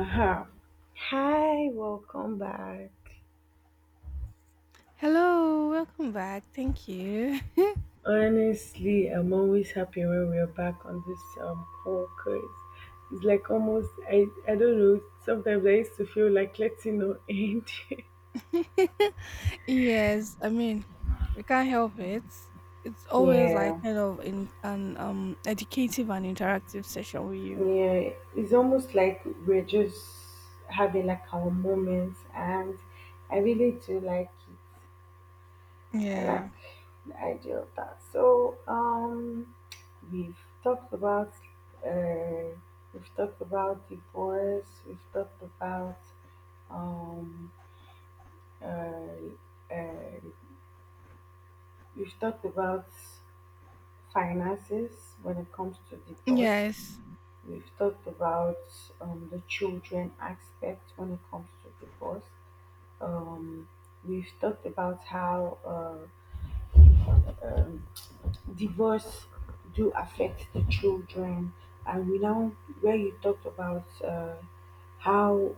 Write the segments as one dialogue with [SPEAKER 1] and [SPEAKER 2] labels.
[SPEAKER 1] Aha. Hi, welcome back.
[SPEAKER 2] Hello, welcome back. Thank you.
[SPEAKER 1] Honestly, I'm always happy when we're back on this call because it's like almost I don't know. Sometimes I used to feel like letting no end.
[SPEAKER 2] Yes, I mean, we can't help it. It's always like
[SPEAKER 1] Yeah,
[SPEAKER 2] kind of in an educative and interactive session with you.
[SPEAKER 1] yeah. It's almost like we're just having like our moments, and I really do like it. I like
[SPEAKER 2] Yeah.
[SPEAKER 1] the idea of that. We've talked about uh, we've talked about divorce. Um, uh, uh, we've talked about finances when it comes to divorce.
[SPEAKER 2] Yes.
[SPEAKER 1] We've talked about the children aspect when it comes to divorce. Um, we've talked about how um, divorce do affect the children, and we now where you talked about how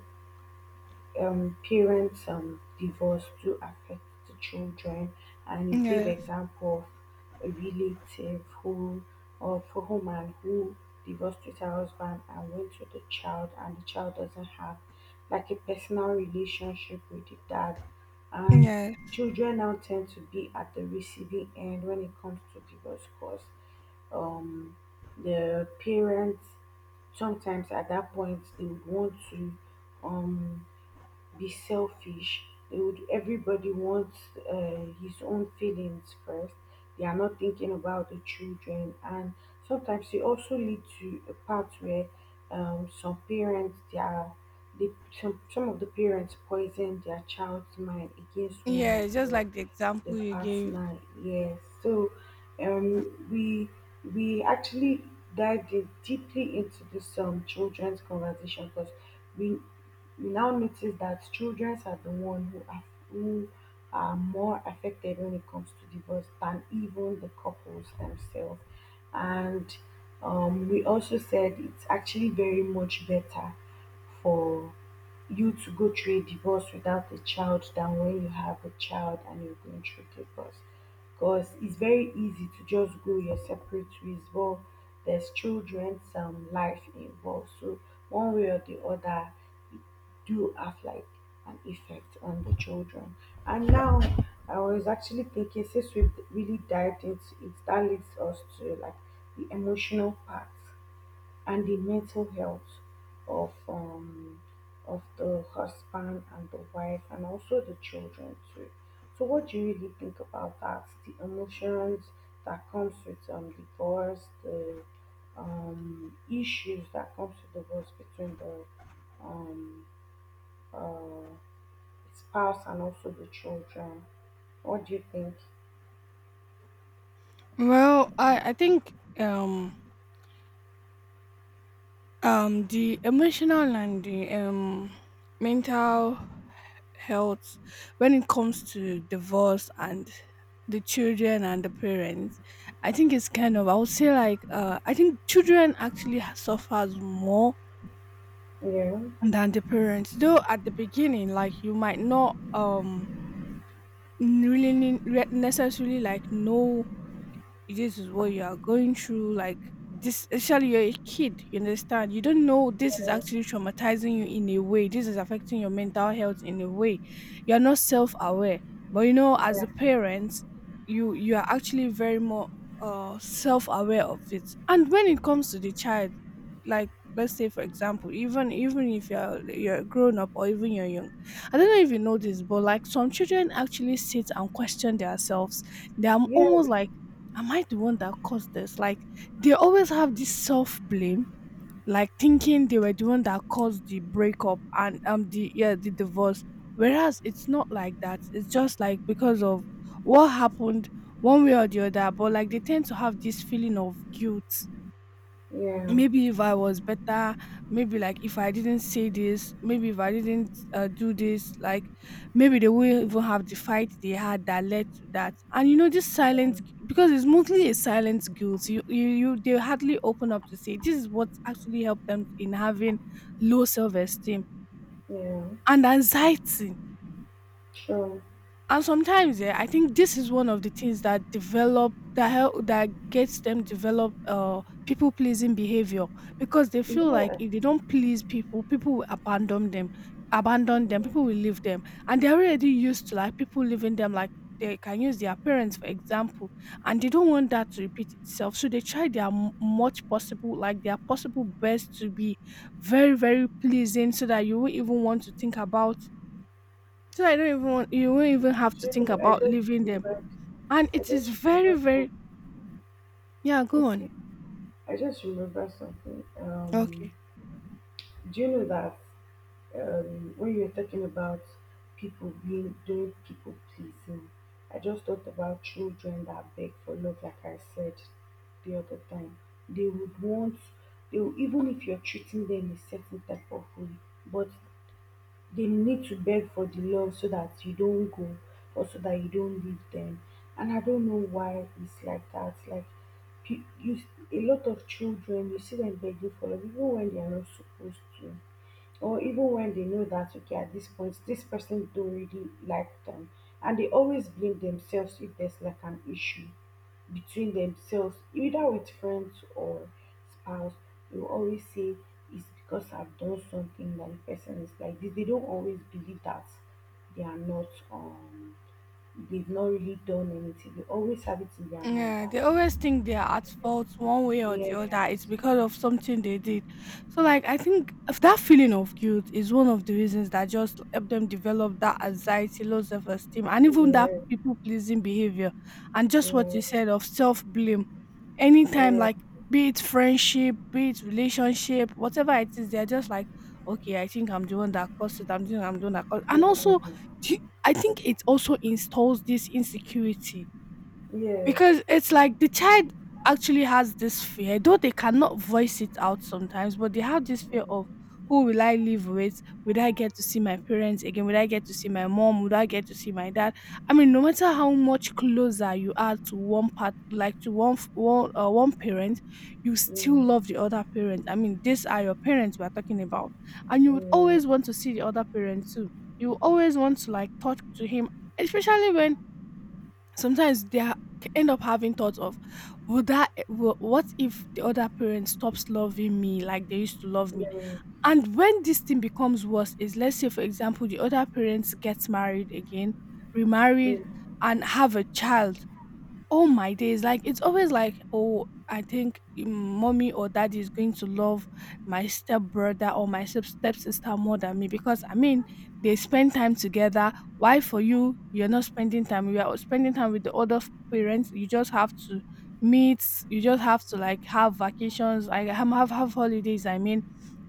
[SPEAKER 1] parents divorce do affect the children and you give
[SPEAKER 2] Yes.
[SPEAKER 1] example of a relative who or for woman who divorced with her husband and went to the child and the child doesn't have like a personal relationship with the dad, and
[SPEAKER 2] Yes.
[SPEAKER 1] children now tend to be at the receiving end when it comes to divorce cause um the parents sometimes at that point they would want to um be selfish, they would everybody wants his own feelings first, they are not thinking about the children. And sometimes it also lead to a part where some parents they are they some of the parents poison their child's mind against one
[SPEAKER 2] Yeah,
[SPEAKER 1] of
[SPEAKER 2] it's just like the
[SPEAKER 1] the
[SPEAKER 2] example you gave.
[SPEAKER 1] partner, yes. So um we we actually dived in deeply into this children's conversation because we we now notice that children are the one who are more affected when it comes to divorce than even the couples themselves. And we also said it's actually very much better for you to go through a divorce without a child than when you have a child and you're going through divorce. Because it's very easy to just go your separate ways, but there's children, some life involved. So one way or the other, do have like an effect on the children. And now I was actually thinking, since we've really dived into it, that leads us to like the emotional part and the mental health of um of the husband and the wife and also the children too. So what do you really think about that? The emotions that comes with divorce, the issues that comes with divorce between the um uh spouse and also the children. What do you think?
[SPEAKER 2] Well, I think um um, the emotional and the mental health when it comes to divorce and the children and the parents, I think it's kind of, I would say like, I think children actually suffers more
[SPEAKER 1] Yeah,
[SPEAKER 2] than the parents. Though at the beginning, like, you might not really necessarily like know this is what you are going through. Like, this actually, you're a kid, you understand, you don't know this is actually traumatizing you in a way, this is affecting your mental health in a way, you're not self-aware, but you know, as
[SPEAKER 1] yeah,
[SPEAKER 2] a parent, you are actually very more self-aware of it. And when it comes to the child, like, let's say for example, even if you're grown up, or even you're young, I don't know if you know this, but like, some children actually sit and question themselves. They are
[SPEAKER 1] yeah,
[SPEAKER 2] almost like, am I the one that caused this? Like, they always have this self blame, like thinking they were the one that caused the breakup and the yeah, the divorce. Whereas it's not like that. It's just like because of what happened one way or the other. But like, they tend to have this feeling of guilt.
[SPEAKER 1] yeah,
[SPEAKER 2] Maybe if I was better, maybe like if I didn't say this, maybe if I didn't do this, like maybe they wouldn't even have the fight they had that led to that. And you know, this because it's mostly a silent guilt. They hardly open up to say this is what actually helped them in having low self esteem
[SPEAKER 1] yeah.
[SPEAKER 2] and anxiety.
[SPEAKER 1] So
[SPEAKER 2] And sometimes, yeah, I think this is one of the things that develop, that help, that gets them develop people pleasing behavior, because they
[SPEAKER 1] yes,
[SPEAKER 2] feel like
[SPEAKER 1] yeah.
[SPEAKER 2] if they don't please people, people will abandon them, people will leave them, and they're already used to like people leaving them like. They can use their parents, for example, and they don't want that to repeat itself. So they try their much possible, like their possible best to be very, very pleasing so that you won't even want to think about, so I don't even want, you won't even have
[SPEAKER 1] Do
[SPEAKER 2] to
[SPEAKER 1] you
[SPEAKER 2] think
[SPEAKER 1] know, I
[SPEAKER 2] about
[SPEAKER 1] just
[SPEAKER 2] leaving them.
[SPEAKER 1] remembered.
[SPEAKER 2] And
[SPEAKER 1] I
[SPEAKER 2] it is
[SPEAKER 1] just
[SPEAKER 2] very,
[SPEAKER 1] remembered
[SPEAKER 2] very,
[SPEAKER 1] some.
[SPEAKER 2] yeah, go on.
[SPEAKER 1] Okay, I just remember something.
[SPEAKER 2] Okay.
[SPEAKER 1] Do you know that? Um, when you are talking about people being doing people pleasing, I just thought about children that beg for love, like I said the other time. They would want, they will, even if you're treating them a certain type of way, but they need to beg for the love so that you don't go or so that you don't leave them. And I don't know why it's like that. Like you, a lot of children, you see them begging for love, even when they are not supposed to or even when they know that okay at this point this person don't really like them, and they always blame themselves if there's like an issue between themselves either with friends or spouse. They will always say it's because I've done something that the person is like this. They don't always believe that they are not they've not really done anything. They always have it in their mind
[SPEAKER 2] Yeah,
[SPEAKER 1] that
[SPEAKER 2] they always think they are at fault one way or the other. It's
[SPEAKER 1] yes,
[SPEAKER 2] because of something they did. So, like, I think if that feeling of guilt is one of the reasons that just help them develop that anxiety, low self esteem, and even that
[SPEAKER 1] yes,
[SPEAKER 2] people pleasing behavior. And just what you
[SPEAKER 1] yes,
[SPEAKER 2] said of self blame. Anytime,
[SPEAKER 1] yes,
[SPEAKER 2] like, be it friendship, be it relationship, whatever it is, they're just like, okay, I think I'm the one that caused it. I'm doing that. Caused. And also, do you- I think it also installs this insecurity
[SPEAKER 1] yes, yes.
[SPEAKER 2] because it's like the child actually has this fear, though they cannot voice it out sometimes, but they have this fear of, who will I live with? Will I get to see my parents again? Will I get to see my mom? Would I get to see my dad? I mean, no matter how much closer you are to one part, like to one one parent, you still love
[SPEAKER 1] Yes.
[SPEAKER 2] the other parent. I mean, these are your parents we are talking about, and you would always
[SPEAKER 1] Mm,
[SPEAKER 2] want to see the other parent too. You always want to like talk to him, especially when sometimes they are, end up having thoughts of, would that eh, what if the other parent stops loving me like they used to love me?
[SPEAKER 1] yeah,
[SPEAKER 2] And when this thing becomes worse is, let's say for example, the other parents gets married again,
[SPEAKER 1] yeah,
[SPEAKER 2] remarried, and have a child. All my days, like, it's always like, oh, I think mm, mommy or daddy is going to love my stepbrother or my stepsister more than me, because I mean, they spend time together. Why for you, you're not spending time, you are spending time with the other parents, you just have to meet, you just have to like have vacations, I have have holidays, I mean,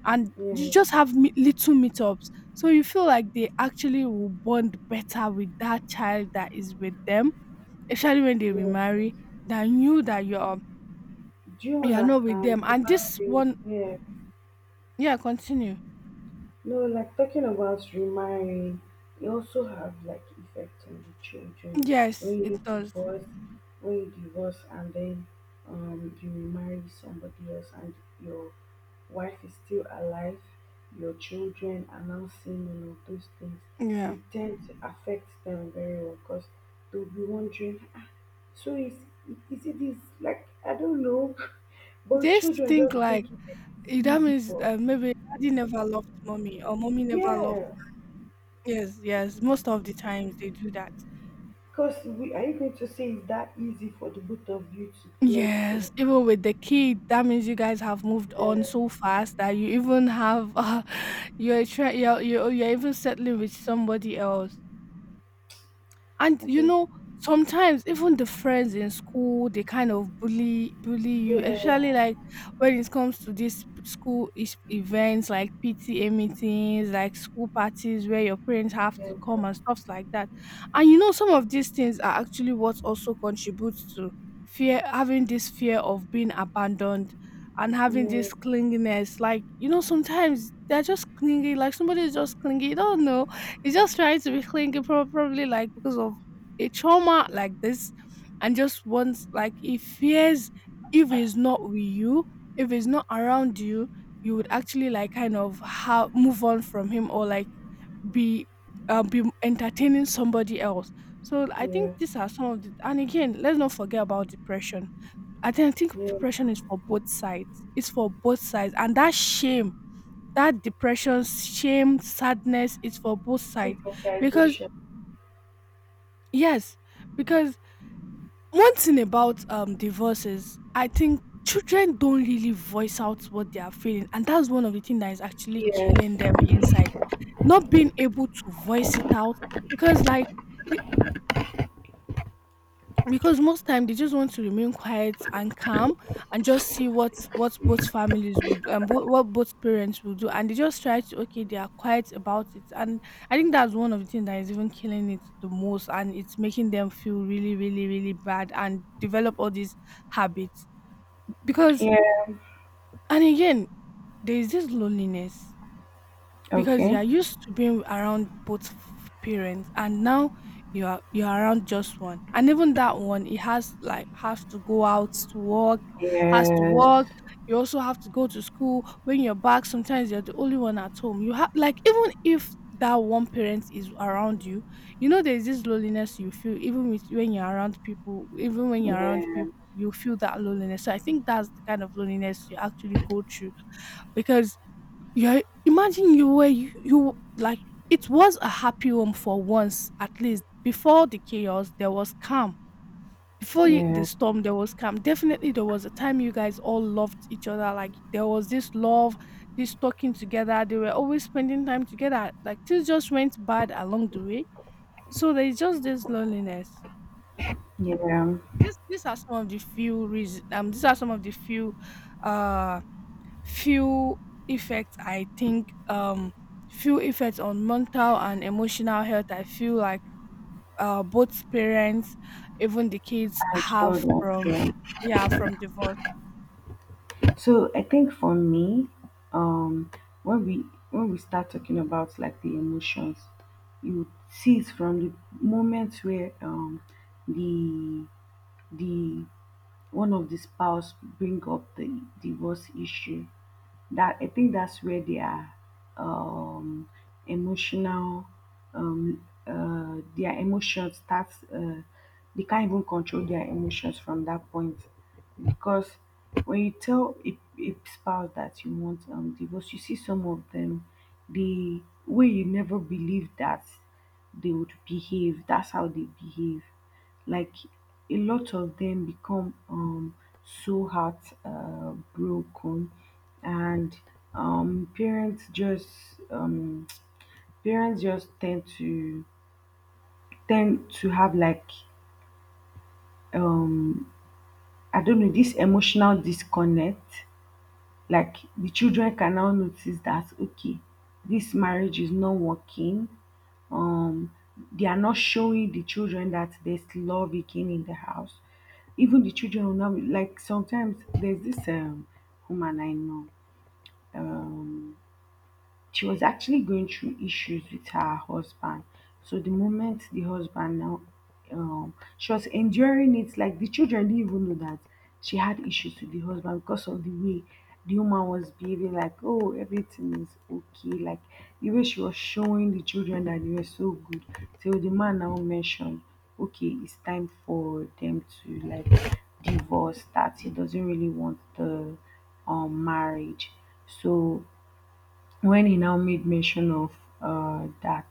[SPEAKER 2] and you
[SPEAKER 1] yeah.
[SPEAKER 2] just have little meetups. So you feel like they actually will bond better with that child that is with them, especially when they
[SPEAKER 1] Yeah.
[SPEAKER 2] remarry, that knew that
[SPEAKER 1] Do you
[SPEAKER 2] you're not with
[SPEAKER 1] understand?
[SPEAKER 2] them.
[SPEAKER 1] The
[SPEAKER 2] And this
[SPEAKER 1] marriage,
[SPEAKER 2] one,
[SPEAKER 1] yeah.
[SPEAKER 2] yeah, continue.
[SPEAKER 1] No, like talking about remarrying, it also have like effect on the children. When
[SPEAKER 2] Yes,
[SPEAKER 1] you
[SPEAKER 2] it does.
[SPEAKER 1] divorce, when you divorce and then you marry somebody else and your wife is still alive, your children are now seeing all of those things,
[SPEAKER 2] Yeah,
[SPEAKER 1] it tends to affect them very well because they'll be wondering, ah, so is it this, like, I don't know, but
[SPEAKER 2] they used to
[SPEAKER 1] children
[SPEAKER 2] think
[SPEAKER 1] just think
[SPEAKER 2] like,
[SPEAKER 1] it is
[SPEAKER 2] eh, that
[SPEAKER 1] easy
[SPEAKER 2] means
[SPEAKER 1] for,
[SPEAKER 2] maybe daddy never loved mommy or mommy never loved.
[SPEAKER 1] yes.
[SPEAKER 2] Yes, yes. Most of the times they do that.
[SPEAKER 1] Because we, are you going to say it's that easy for the both of you to let
[SPEAKER 2] Yes,
[SPEAKER 1] go?
[SPEAKER 2] even with the kid, that means you guys have moved on
[SPEAKER 1] Yeah,
[SPEAKER 2] so fast that you even have you're try you're even settling with somebody else. And
[SPEAKER 1] I
[SPEAKER 2] you
[SPEAKER 1] just,
[SPEAKER 2] know, sometimes even the friends in school, they kind of bully you, especially
[SPEAKER 1] yeah,
[SPEAKER 2] like when it comes to these events like PTA meetings, like school parties where your parents have
[SPEAKER 1] yeah,
[SPEAKER 2] to come and stuff like that. And you know, some of these things are actually what also contributes to fear, having this fear of being abandoned, and having
[SPEAKER 1] yeah,
[SPEAKER 2] this clinginess. Like, you know, sometimes they're just clingy, like somebody is just clingy, you don't know. He's just trying to be clingy, probably like because of a trauma like this, and just wants like, he fears if he's not with you, if he's not around you, you would actually like kind of how move on from him, or like be be entertaining somebody else. So I
[SPEAKER 1] yeah,
[SPEAKER 2] think these are some of the, and again, let's not forget about depression. I think
[SPEAKER 1] yeah.
[SPEAKER 2] depression is for both sides. It's for both sides, and that shame, that depression, shame, sadness is for both sides. Because
[SPEAKER 1] Stigmatization.
[SPEAKER 2] yes, because one thing about divorces, I think children don't really voice out what they are feeling, and that's one of the things that is actually killing
[SPEAKER 1] Yes,
[SPEAKER 2] them inside. Not being able to voice it out, because like the, because most time they just want to remain quiet and calm and just see what both families would, and what both parents will do, and they just try to, okay, they are quiet about it. And I think that's one of the things that is even killing it the most, and it's making them feel really really really bad and develop all these habits, because,
[SPEAKER 1] yeah,
[SPEAKER 2] and again, there is this loneliness, because you
[SPEAKER 1] okay.
[SPEAKER 2] are used to being around both parents, and now you are, you're around just one, and even that one, it has like, has to go out to work, has to
[SPEAKER 1] Yes,
[SPEAKER 2] work. You also have to go to school, when you're back sometimes you're the only one at home. You have like, even if that one parent is around you, you know, there's this loneliness you feel even with when you're around people. Even when you're around
[SPEAKER 1] yeah,
[SPEAKER 2] people, you feel that loneliness. So I think that's the kind of loneliness you actually go through. Because, yeah, imagine you like, it was a happy home for once at least. Before the chaos, there was calm. Before the
[SPEAKER 1] yeah,
[SPEAKER 2] storm, there was calm. Definitely, there was a time you guys all loved each other. Like there was this love, this talking together. They were always spending time together. Like things just went bad along the way, so there's just this loneliness.
[SPEAKER 1] yeah.
[SPEAKER 2] This These are some of the few reasons. These are some of the few, uh, few effects, I think, few effects on mental and emotional health, I feel like, both parents, even the kids
[SPEAKER 1] And
[SPEAKER 2] have
[SPEAKER 1] children.
[SPEAKER 2] from,
[SPEAKER 1] Yeah.
[SPEAKER 2] yeah, from divorce.
[SPEAKER 1] So I think for me, um, when we when we start talking about like the emotions, you see it from the moment where the the one of the spouse bring up the divorce issue, that I think that's where their um emotional their emotions starts they can't even control their emotions from that point, because when you tell a spouse that you want divorce you see some of them the way you never believe that they would behave, that's how they behave. Like a lot of them become so heart broken, and parents just um, parents just tend to tend to have like um, I don't know, this emotional disconnect. Like the children can now notice that okay, this marriage is not working, um they are not showing the children that there's love again in the house. Even the children will now like sometimes there's this woman I know um she was actually going through issues with her husband. So the moment the husband now, she was enduring it. Like the children didn't even know that she had issues with the husband because of the way the woman was behaving. Like, oh, everything is okay. Like the way she was showing the children that they were so good. So the man now mentioned, okay, it's time for them to like divorce. That he doesn't really want the marriage. So when he now made mention of that,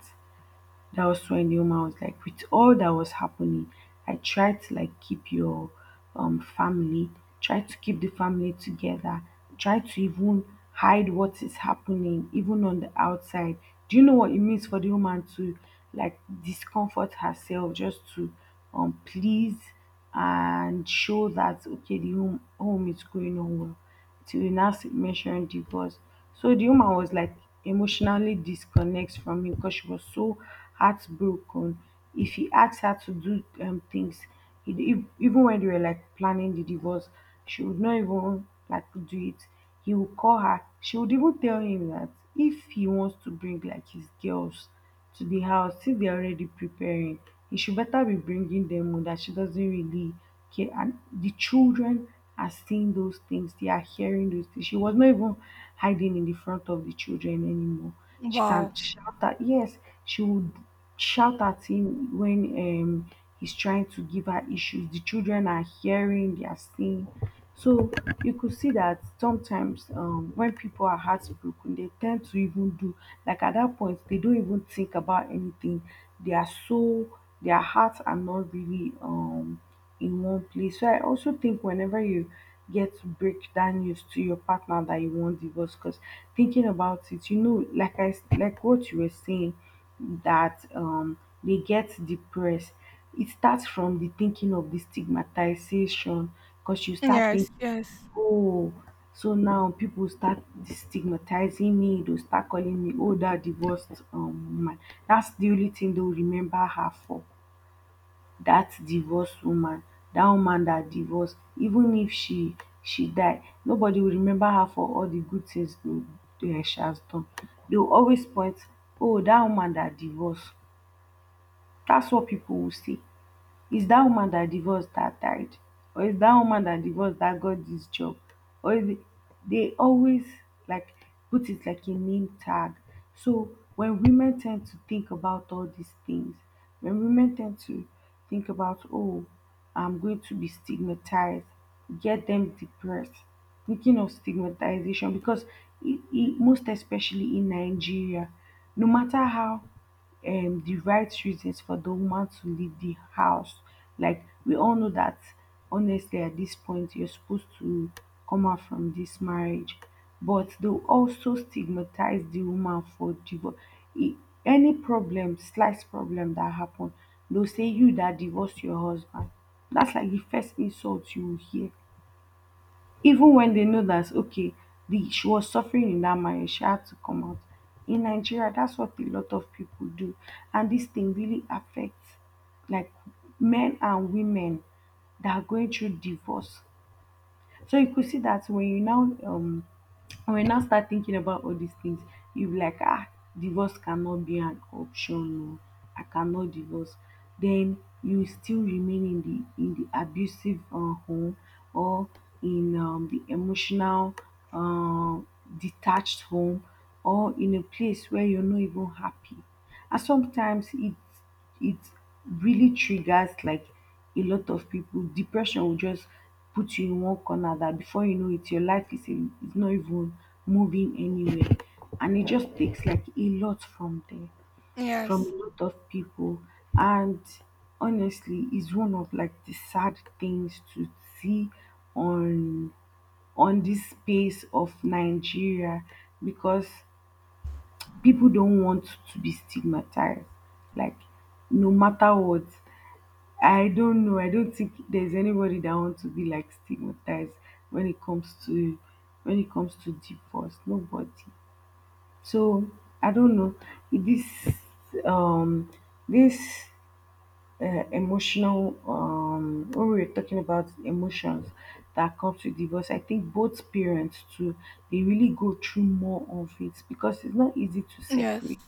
[SPEAKER 1] that was when the woman was like, with all that was happening, I tried to like keep your family, try to keep the family together, try to even hide what is happening, even on the outside. Do you know what it means for the woman to like discomfort herself just to please and show that okay, the home, home is going on well? Till you now mention divorce, so the woman was like emotionally disconnects from him because she was so heartbroken. If he asked her to do things, he, if even when they were like planning the divorce, she would not even like do it. He would call her. She would even tell him that if he wants to bring like his girls to the house since they're already preparing. He should better be bringing them home, that she doesn't really care. And the children are seeing those things, they are hearing those things. She was not even hiding in the front of the children anymore. She
[SPEAKER 2] Wow.
[SPEAKER 1] can shout at yes, she would shout at him when he's trying to give her issues. The children are hearing, they are seeing. So you could see that sometimes when people are heartbroken, they tend to even do like at that point they don't even think about anything. They are so their hearts are not really in one place. So I also think whenever you get to break that news to your partner that you want divorce, because thinking about it, you know, like like what you were saying, that they get depressed. It starts from the thinking of the stigmatization, because you start
[SPEAKER 2] Yes.
[SPEAKER 1] thinking
[SPEAKER 2] Yes.
[SPEAKER 1] oh so now people start stigmatizing me, they'll start calling me, oh, that divorced woman, that's the only thing they'll remember her for. Dat divorce woman, dat woman dat divorce, even if she die nobody will remember her for all the good things she has done. They will always point, oh, dat woman dat divorce. That's what people will say. Is that woman that divorced that died, or is that woman that divorced that got this job, or is it, they always, like, put it like a name tag. So when women tend to think about all these things, when women tend to think about, oh, I'm going to be stigmatized, get them depressed, thinking of stigmatization because e e most especially in Nigeria, no matter how the right reasons for the woman to leave the house, like, we all know that, honestly, at this point you're supposed to come out from this marriage, but they will also stigmatize the woman for divorce. E- any problem, slight problem that happen, they'll say you that divorced your husband. That's like the first insult you will hear, even when they know that, okay, the she was suffering in that marriage, she had to come out. In Nigeria, that's what a lot of people do, and this thing really affects, like, men and women that are going through divorce. So you could see that when you now, um and when you now start thinking about all these things, you be like, ah, divorce cannot be an option. No, I cannot divorce. Then you still remain in the abusive home, or in the emotional, uh, detached home, or in a place where you're not even happy. And sometimes it really triggers, like, a lot of people. Depression will just put you in one corner that before you know it, your life is, in, is not even moving anywhere. And it just takes like a lot from there, from
[SPEAKER 2] Yes.
[SPEAKER 1] a lot of people. And honestly, it's one of like the sad things to see on on this space of Nigeria because people don't want to be stigmatized. Like, no matter what, I don't know. I don't think there's anybody that wants to be like stigmatized when it comes to, divorce. Nobody. So I don't know. This um this Emotional, when we were talking about emotions that comes with divorce, I think both parents too, they really go through more of it because it's not easy to
[SPEAKER 2] Yes.
[SPEAKER 1] separate,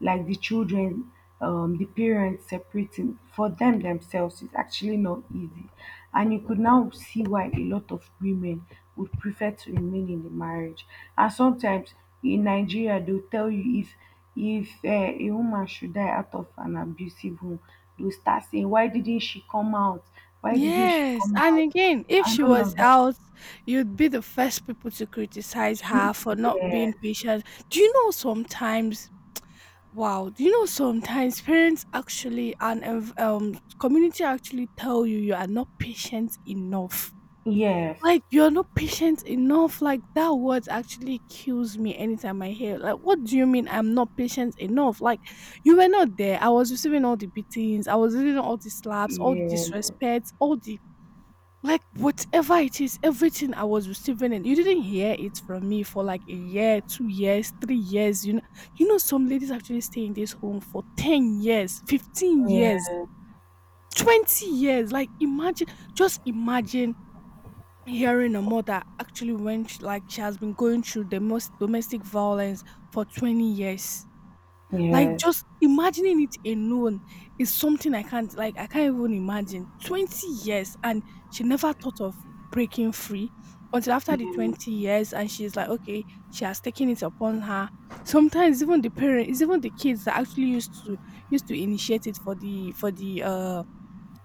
[SPEAKER 1] like, the children. The parents separating for them themselves is actually not easy, and you could now see why a lot of women would prefer to remain in the marriage. And sometimes in Nigeria they'll tell you, if a woman should die out of an abusive home, they will start saying, "Why didn't she come out? Why didn't she
[SPEAKER 2] Yes,
[SPEAKER 1] come
[SPEAKER 2] and
[SPEAKER 1] out?"
[SPEAKER 2] again, if
[SPEAKER 1] And
[SPEAKER 2] she
[SPEAKER 1] all
[SPEAKER 2] was
[SPEAKER 1] of that.
[SPEAKER 2] out, you'd be the first people to criticize
[SPEAKER 1] Three
[SPEAKER 2] her for not being
[SPEAKER 1] years.
[SPEAKER 2] patient. Do you know sometimes, wow, do you know sometimes parents actually, and community actually tell you you are not patient enough.
[SPEAKER 1] Yes.
[SPEAKER 2] Like you're not patient enough. Like that word actually kills me anytime I hear. It. Like, what do you mean I'm not patient enough? Like, you were not there. I was receiving all the beatings, I was receiving all the slaps, all the
[SPEAKER 1] Yes.
[SPEAKER 2] disrespects, all the, like, whatever it is, everything I was receiving, and you didn't hear it from me for like a year, 2 years, 3 years, you know. You know some ladies actually stay in this home for 10 years, 15 years,
[SPEAKER 1] Yes.
[SPEAKER 2] 20 years. Like, imagine just imagine hearing a mother actually went like she has been going through the most domestic violence for 20 years. Like,
[SPEAKER 1] Yes.
[SPEAKER 2] just imagining it alone is something I can't like, I can't even imagine. 20 years, and she never thought of breaking free until after the
[SPEAKER 1] Yeah.
[SPEAKER 2] 20 years, and she's like, okay, she has taken it upon her. Sometimes even the parents, it's even the kids that actually used to used to initiate it for the for the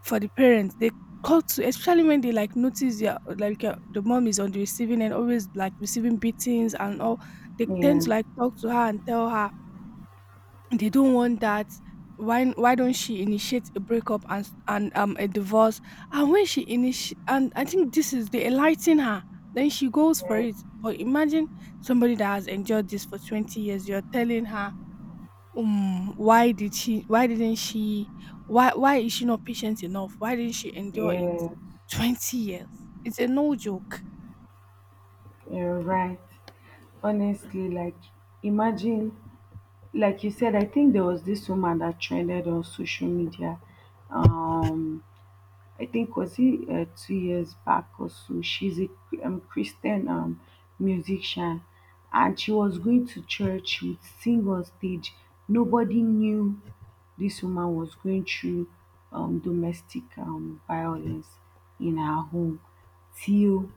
[SPEAKER 2] for the parents. They call to, especially when they like notice their like the mom is on the receiving end, always like receiving beatings and all. They tend
[SPEAKER 1] Yeah.
[SPEAKER 2] to like talk to her and tell her they don't want that. Why don't she initiate a breakup and and a divorce? And when she initi- and I think this is they enlighten her, then she goes for
[SPEAKER 1] Yeah.
[SPEAKER 2] it. But imagine somebody that has endured this for 20 years, you're telling her why didn't she, why is she not patient enough, why didn't she endure it?
[SPEAKER 1] Yeah.
[SPEAKER 2] 20 years, it's a no joke.
[SPEAKER 1] You're right. Honestly, like, imagine, like you said, I think there was this woman that trended on social media. Um I think was it two years back or so. She's a Christian, musician, and she was going to church. She would sing on stage. Nobody knew this woman was going through domestic, violence in her home till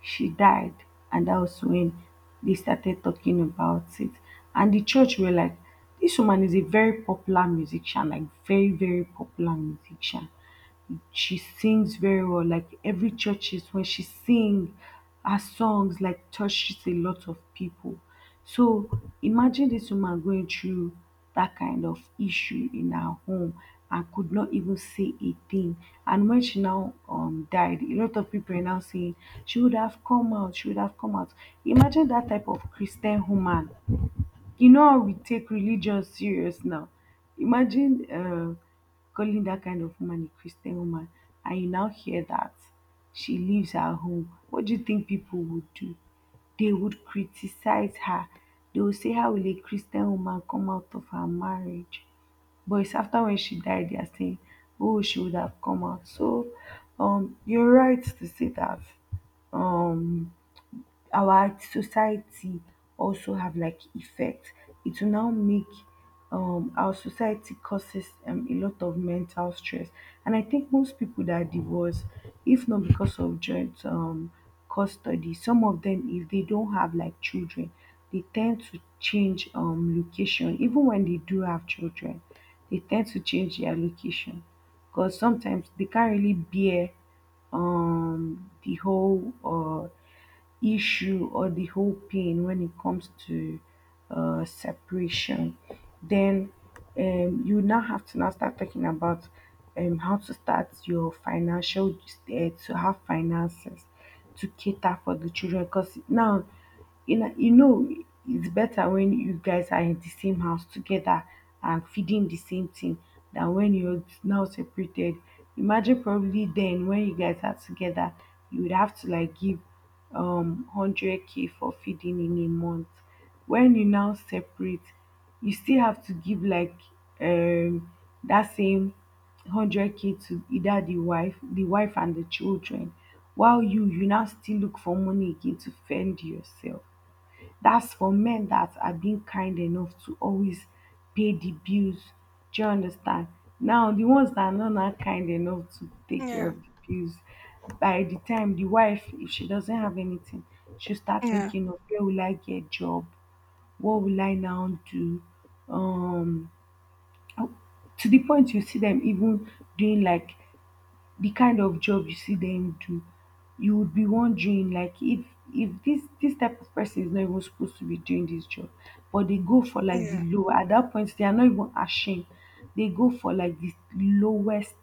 [SPEAKER 1] she died, and that was when they started talking about it. And the church were like, "This woman is a very popular musician, like, very, very popular musician." She sings very well. Like, every churches when she sing, her songs like touches a lot of people. So imagine this woman going through that kind of issue in her home and could not even say a thing. And when she now died, a lot of people are now saying, she would have come out, she would have come out. Imagine that type of Christian woman, you know how we take religion serious now. Imagine calling that kind of woman a Christian woman, and you now hear that she leaves her home. What do you think people would do? They would criticize her. They would say, how will a Christian woman come out of her marriage? But it's after when she died, they are saying, oh, she would have come out. So you're right to say that. Um, our society also have like effect. It will now make our society causes a lot of mental stress. And I think most people that are divorced, if not because of joint custody, some of them if they don't have like children, they tend to change location. Even when they do have children, they tend to change their location. Because sometimes they can't really bear the whole issue or the whole pain when it comes to separation, then you now have to now start talking about how to start your financial, to have finances to cater for the children, because now, you know, you know, it's better when you guys are in the same house together and feeding the same thing than when you're now separated. Imagine probably then when you guys are together, you would have to like give 100k for feeding in a month. When you now separate, you still have to give like um that same 100k to either the wife and the children, while you now still look for money again to fend yourself. That's for men that are being kind enough to always pay the bills. Do you understand? Now, the ones that are not that kind enough to take care
[SPEAKER 2] Yeah.
[SPEAKER 1] of the bills, by the time the wife, if she doesn't have anything, she'll start
[SPEAKER 2] Yeah.
[SPEAKER 1] thinking of, where will I get job? What will I now do? Um, oh, to the point you see them even doing like the kind of job you see them do, you would be wondering like, if this type of person is not even supposed to be doing this job, but they go for like the
[SPEAKER 2] Yeah.
[SPEAKER 1] low. At that point, they are not even ashamed. They go for like the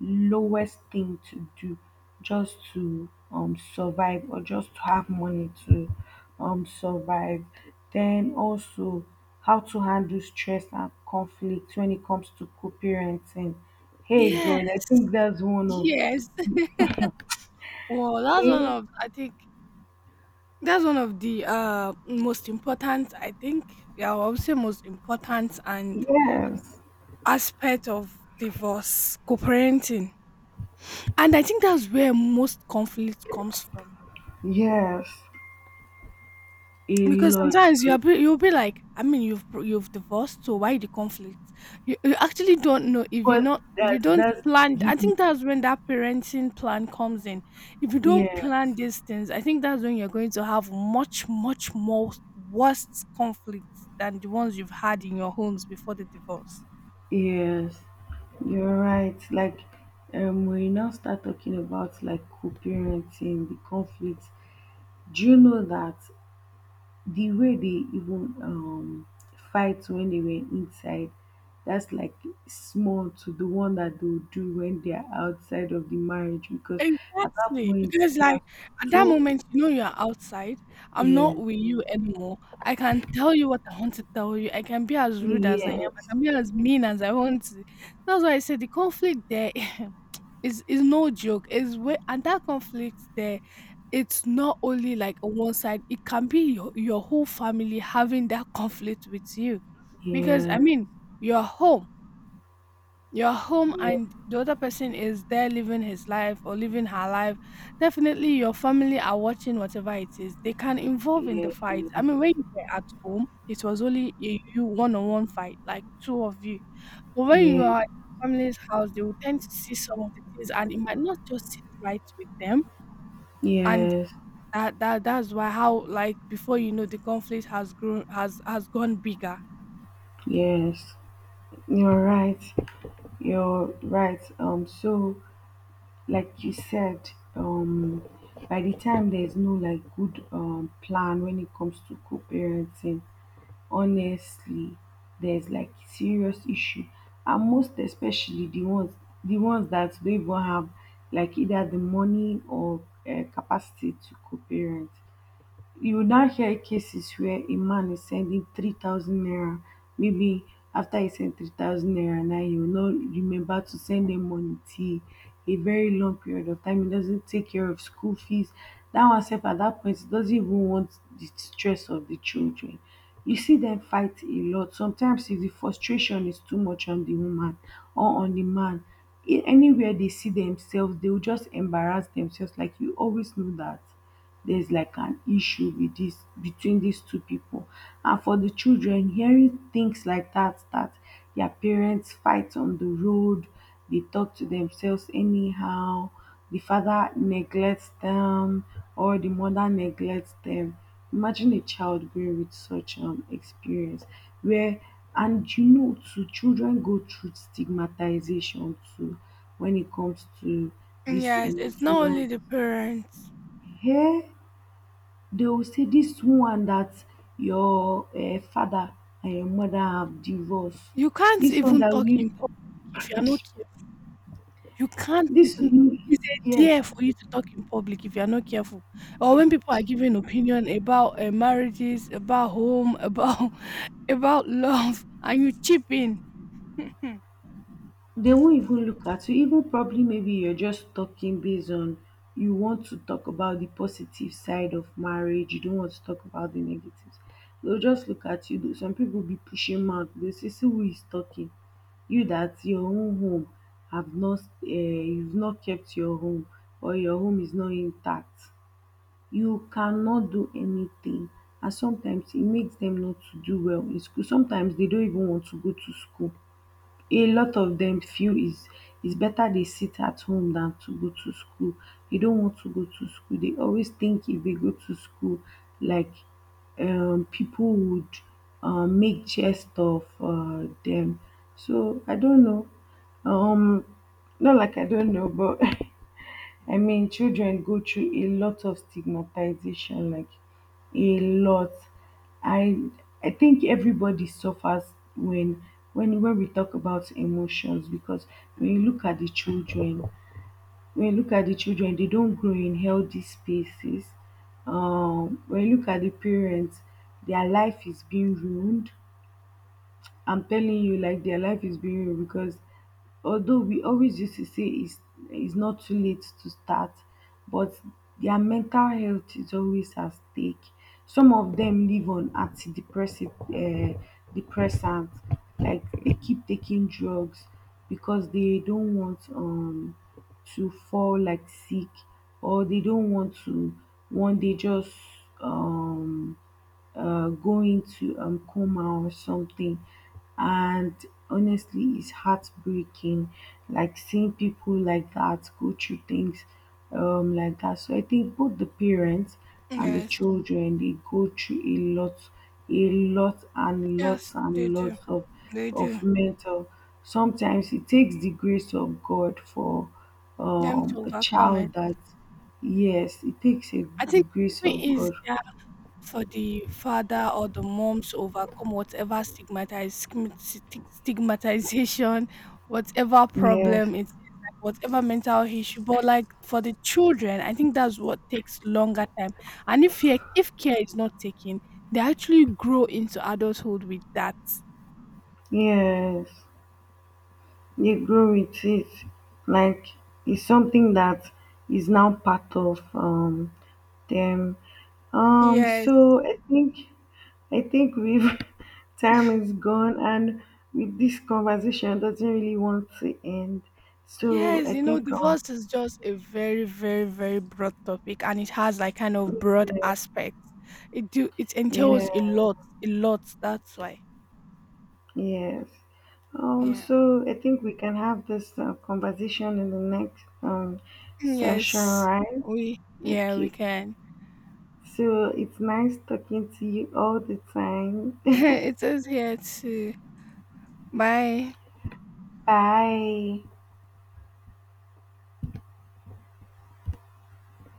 [SPEAKER 1] lowest thing to do just to survive, or just to have money to survive. Then also how to handle stress and conflict when it comes to co-parenting. Hey,
[SPEAKER 2] Yeah.
[SPEAKER 1] God, I think that's one of,
[SPEAKER 2] Yes. well that's one
[SPEAKER 1] hey,
[SPEAKER 2] of i think That's one of the most important, I think, yeah, I would say most important and
[SPEAKER 1] yes,
[SPEAKER 2] aspect of divorce, co-parenting. And I think that's where most conflict comes from.
[SPEAKER 1] yes, a
[SPEAKER 2] Because
[SPEAKER 1] lot,
[SPEAKER 2] sometimes
[SPEAKER 1] God.
[SPEAKER 2] you'll be like, I mean, you've divorced, so why the conflict? You actually don't know if you're
[SPEAKER 1] But
[SPEAKER 2] not if you
[SPEAKER 1] that's
[SPEAKER 2] don't
[SPEAKER 1] that's the
[SPEAKER 2] plan. I
[SPEAKER 1] beginning.
[SPEAKER 2] think that's when that parenting plan comes in. If you don't plan
[SPEAKER 1] Yes,
[SPEAKER 2] these things, I think that's when you're going to have much much more worse conflicts than the ones you've had in your homes before the divorce.
[SPEAKER 1] yes, you're right. Like, when you now start talking about like co-parenting, the conflict. Do you know that the way they even fight when they were inside, that's like small to the one that they'll do when they are outside of the marriage, because at that
[SPEAKER 2] Exactly,
[SPEAKER 1] point
[SPEAKER 2] because
[SPEAKER 1] they
[SPEAKER 2] like
[SPEAKER 1] are
[SPEAKER 2] at that
[SPEAKER 1] so,
[SPEAKER 2] moment, you know you are outside. I'm
[SPEAKER 1] yeah,
[SPEAKER 2] not with you anymore. I can tell you what I want to tell you. I can be as rude as I am.
[SPEAKER 1] yes,
[SPEAKER 2] I can be as mean as I want to. That's why I said the conflict there is no joke. Is way and that conflict there, it's not only like on one side. It can be your whole family having that conflict with you, because
[SPEAKER 1] yeah,
[SPEAKER 2] I mean you're home you're home
[SPEAKER 1] yeah,
[SPEAKER 2] and the other person is there living his life or living her life. Definitely your family are watching whatever it is. They can involve in the fight. I
[SPEAKER 1] yes,
[SPEAKER 2] mean, when you were at home, it was only a you one-on-one fight, like two of you. But when you
[SPEAKER 1] yeah,
[SPEAKER 2] are in family's house, they will tend to see some of the things and it might not just sit right with them. And
[SPEAKER 1] yes,
[SPEAKER 2] that's why how, like, before you know, the conflict has grown, has gone bigger.
[SPEAKER 1] yes, you're right, you're right. So, like you said, by the time there's no like good, plan when it comes to co-parenting, honestly, there's like serious issue, and most especially the ones, that don't even have like either the money or, capacity to co-parent. You will now hear cases where a man is sending 3,000 naira. Maybe after he sent 3,000 naira, now he will not remember to send them money till a very long period of time. He doesn't take care of school fees. That one sef at that point, he doesn't even want the stress of the children. You see them fight a lot. Sometimes if the frustration is too much on the woman or on the man, anywhere they see themselves, they will just embarrass themselves. Like, you always know that there's like an issue with this between these two people. And for the children, hearing things like that, that their parents fight on the road, they talk to themselves anyhow, the father neglects them or the mother neglects them. Imagine a child growing with such an experience where, and you know too, children go through stigmatization too when it comes to this
[SPEAKER 2] Yes, it's not
[SPEAKER 1] emotional,
[SPEAKER 2] only the parents.
[SPEAKER 1] yeah. They will say, this one that your father and your mother have divorced.
[SPEAKER 2] You can't
[SPEAKER 1] This one
[SPEAKER 2] even
[SPEAKER 1] that
[SPEAKER 2] talk
[SPEAKER 1] we,
[SPEAKER 2] in public if you're not careful. You can't
[SPEAKER 1] this
[SPEAKER 2] even
[SPEAKER 1] you,
[SPEAKER 2] it's a
[SPEAKER 1] yes,
[SPEAKER 2] dare for you to talk in public if you're not careful. Or when people are giving opinion about marriages, about home, about about love, and you chip in. Mhm.
[SPEAKER 1] they won't even look at you. Even probably maybe you're just talking based on, you want to talk about the positive side of marriage, you don't want to talk about the negatives. They'll just look at you. Some people be pushing mouth. They say, see who is talking. You that your own home have not, you've not kept your home, or your home is not intact, you cannot do anything. And sometimes it makes them not to do well in school. Sometimes they don't even want to go to school. A lot of them feel is, it's better they sit at home than to go to school. They don't want to go to school. They always think if they go to school, like, people would make jest of them. So I don't know, um not like I don't know, but I mean, children go through a lot of stigmatization, like, a lot. I I think everybody suffers when, when we talk about emotions because when you look at the children, they don't grow in healthy spaces. When you look at the parents, their life is being ruined. I'm telling you, like, their life is being real because, although we always used to say it's not too late to start, but their mental health is always at stake. Some of them live on antidepressant, depressants, like, they keep taking drugs because they don't want to fall like sick, or they don't want to one day just, um going to coma or something. And honestly, it's heartbreaking, like seeing people like that go through things, like that. So I think both the parents and the
[SPEAKER 2] Yes,
[SPEAKER 1] children, they go through a lot
[SPEAKER 2] yes, they
[SPEAKER 1] and
[SPEAKER 2] do.
[SPEAKER 1] lots
[SPEAKER 2] They
[SPEAKER 1] of
[SPEAKER 2] do.
[SPEAKER 1] mental. Sometimes it takes the grace of God for,
[SPEAKER 2] Them to
[SPEAKER 1] a
[SPEAKER 2] overcome
[SPEAKER 1] child
[SPEAKER 2] it.
[SPEAKER 1] that, yes, it takes a,
[SPEAKER 2] I
[SPEAKER 1] the
[SPEAKER 2] think it's
[SPEAKER 1] grace
[SPEAKER 2] even
[SPEAKER 1] of God.
[SPEAKER 2] easier for the father or the mom to overcome whatever stigmatization, whatever
[SPEAKER 1] Yes.
[SPEAKER 2] problem it is, like whatever mental issue. But like for the children, I think that's what takes longer time. And if care is not taken, they actually grow into adulthood with that.
[SPEAKER 1] Yes, they grow with it. Like, it's something that is now part of them.
[SPEAKER 2] Yes.
[SPEAKER 1] So I think, we've time is gone, and with this conversation doesn't really want to end. So
[SPEAKER 2] Yes,
[SPEAKER 1] I
[SPEAKER 2] you know,
[SPEAKER 1] think,
[SPEAKER 2] divorce is just a very, very, very broad topic and it has like kind of broad aspects. It
[SPEAKER 1] yeah,
[SPEAKER 2] entails a lot, that's why.
[SPEAKER 1] yes.
[SPEAKER 2] Yeah.
[SPEAKER 1] So I think we can have this conversation in the next session,
[SPEAKER 2] Yes.
[SPEAKER 1] right?
[SPEAKER 2] We, yeah, we
[SPEAKER 1] Okay.
[SPEAKER 2] can.
[SPEAKER 1] So it's nice talking to you all the time.
[SPEAKER 2] it says here to buy
[SPEAKER 1] Bye.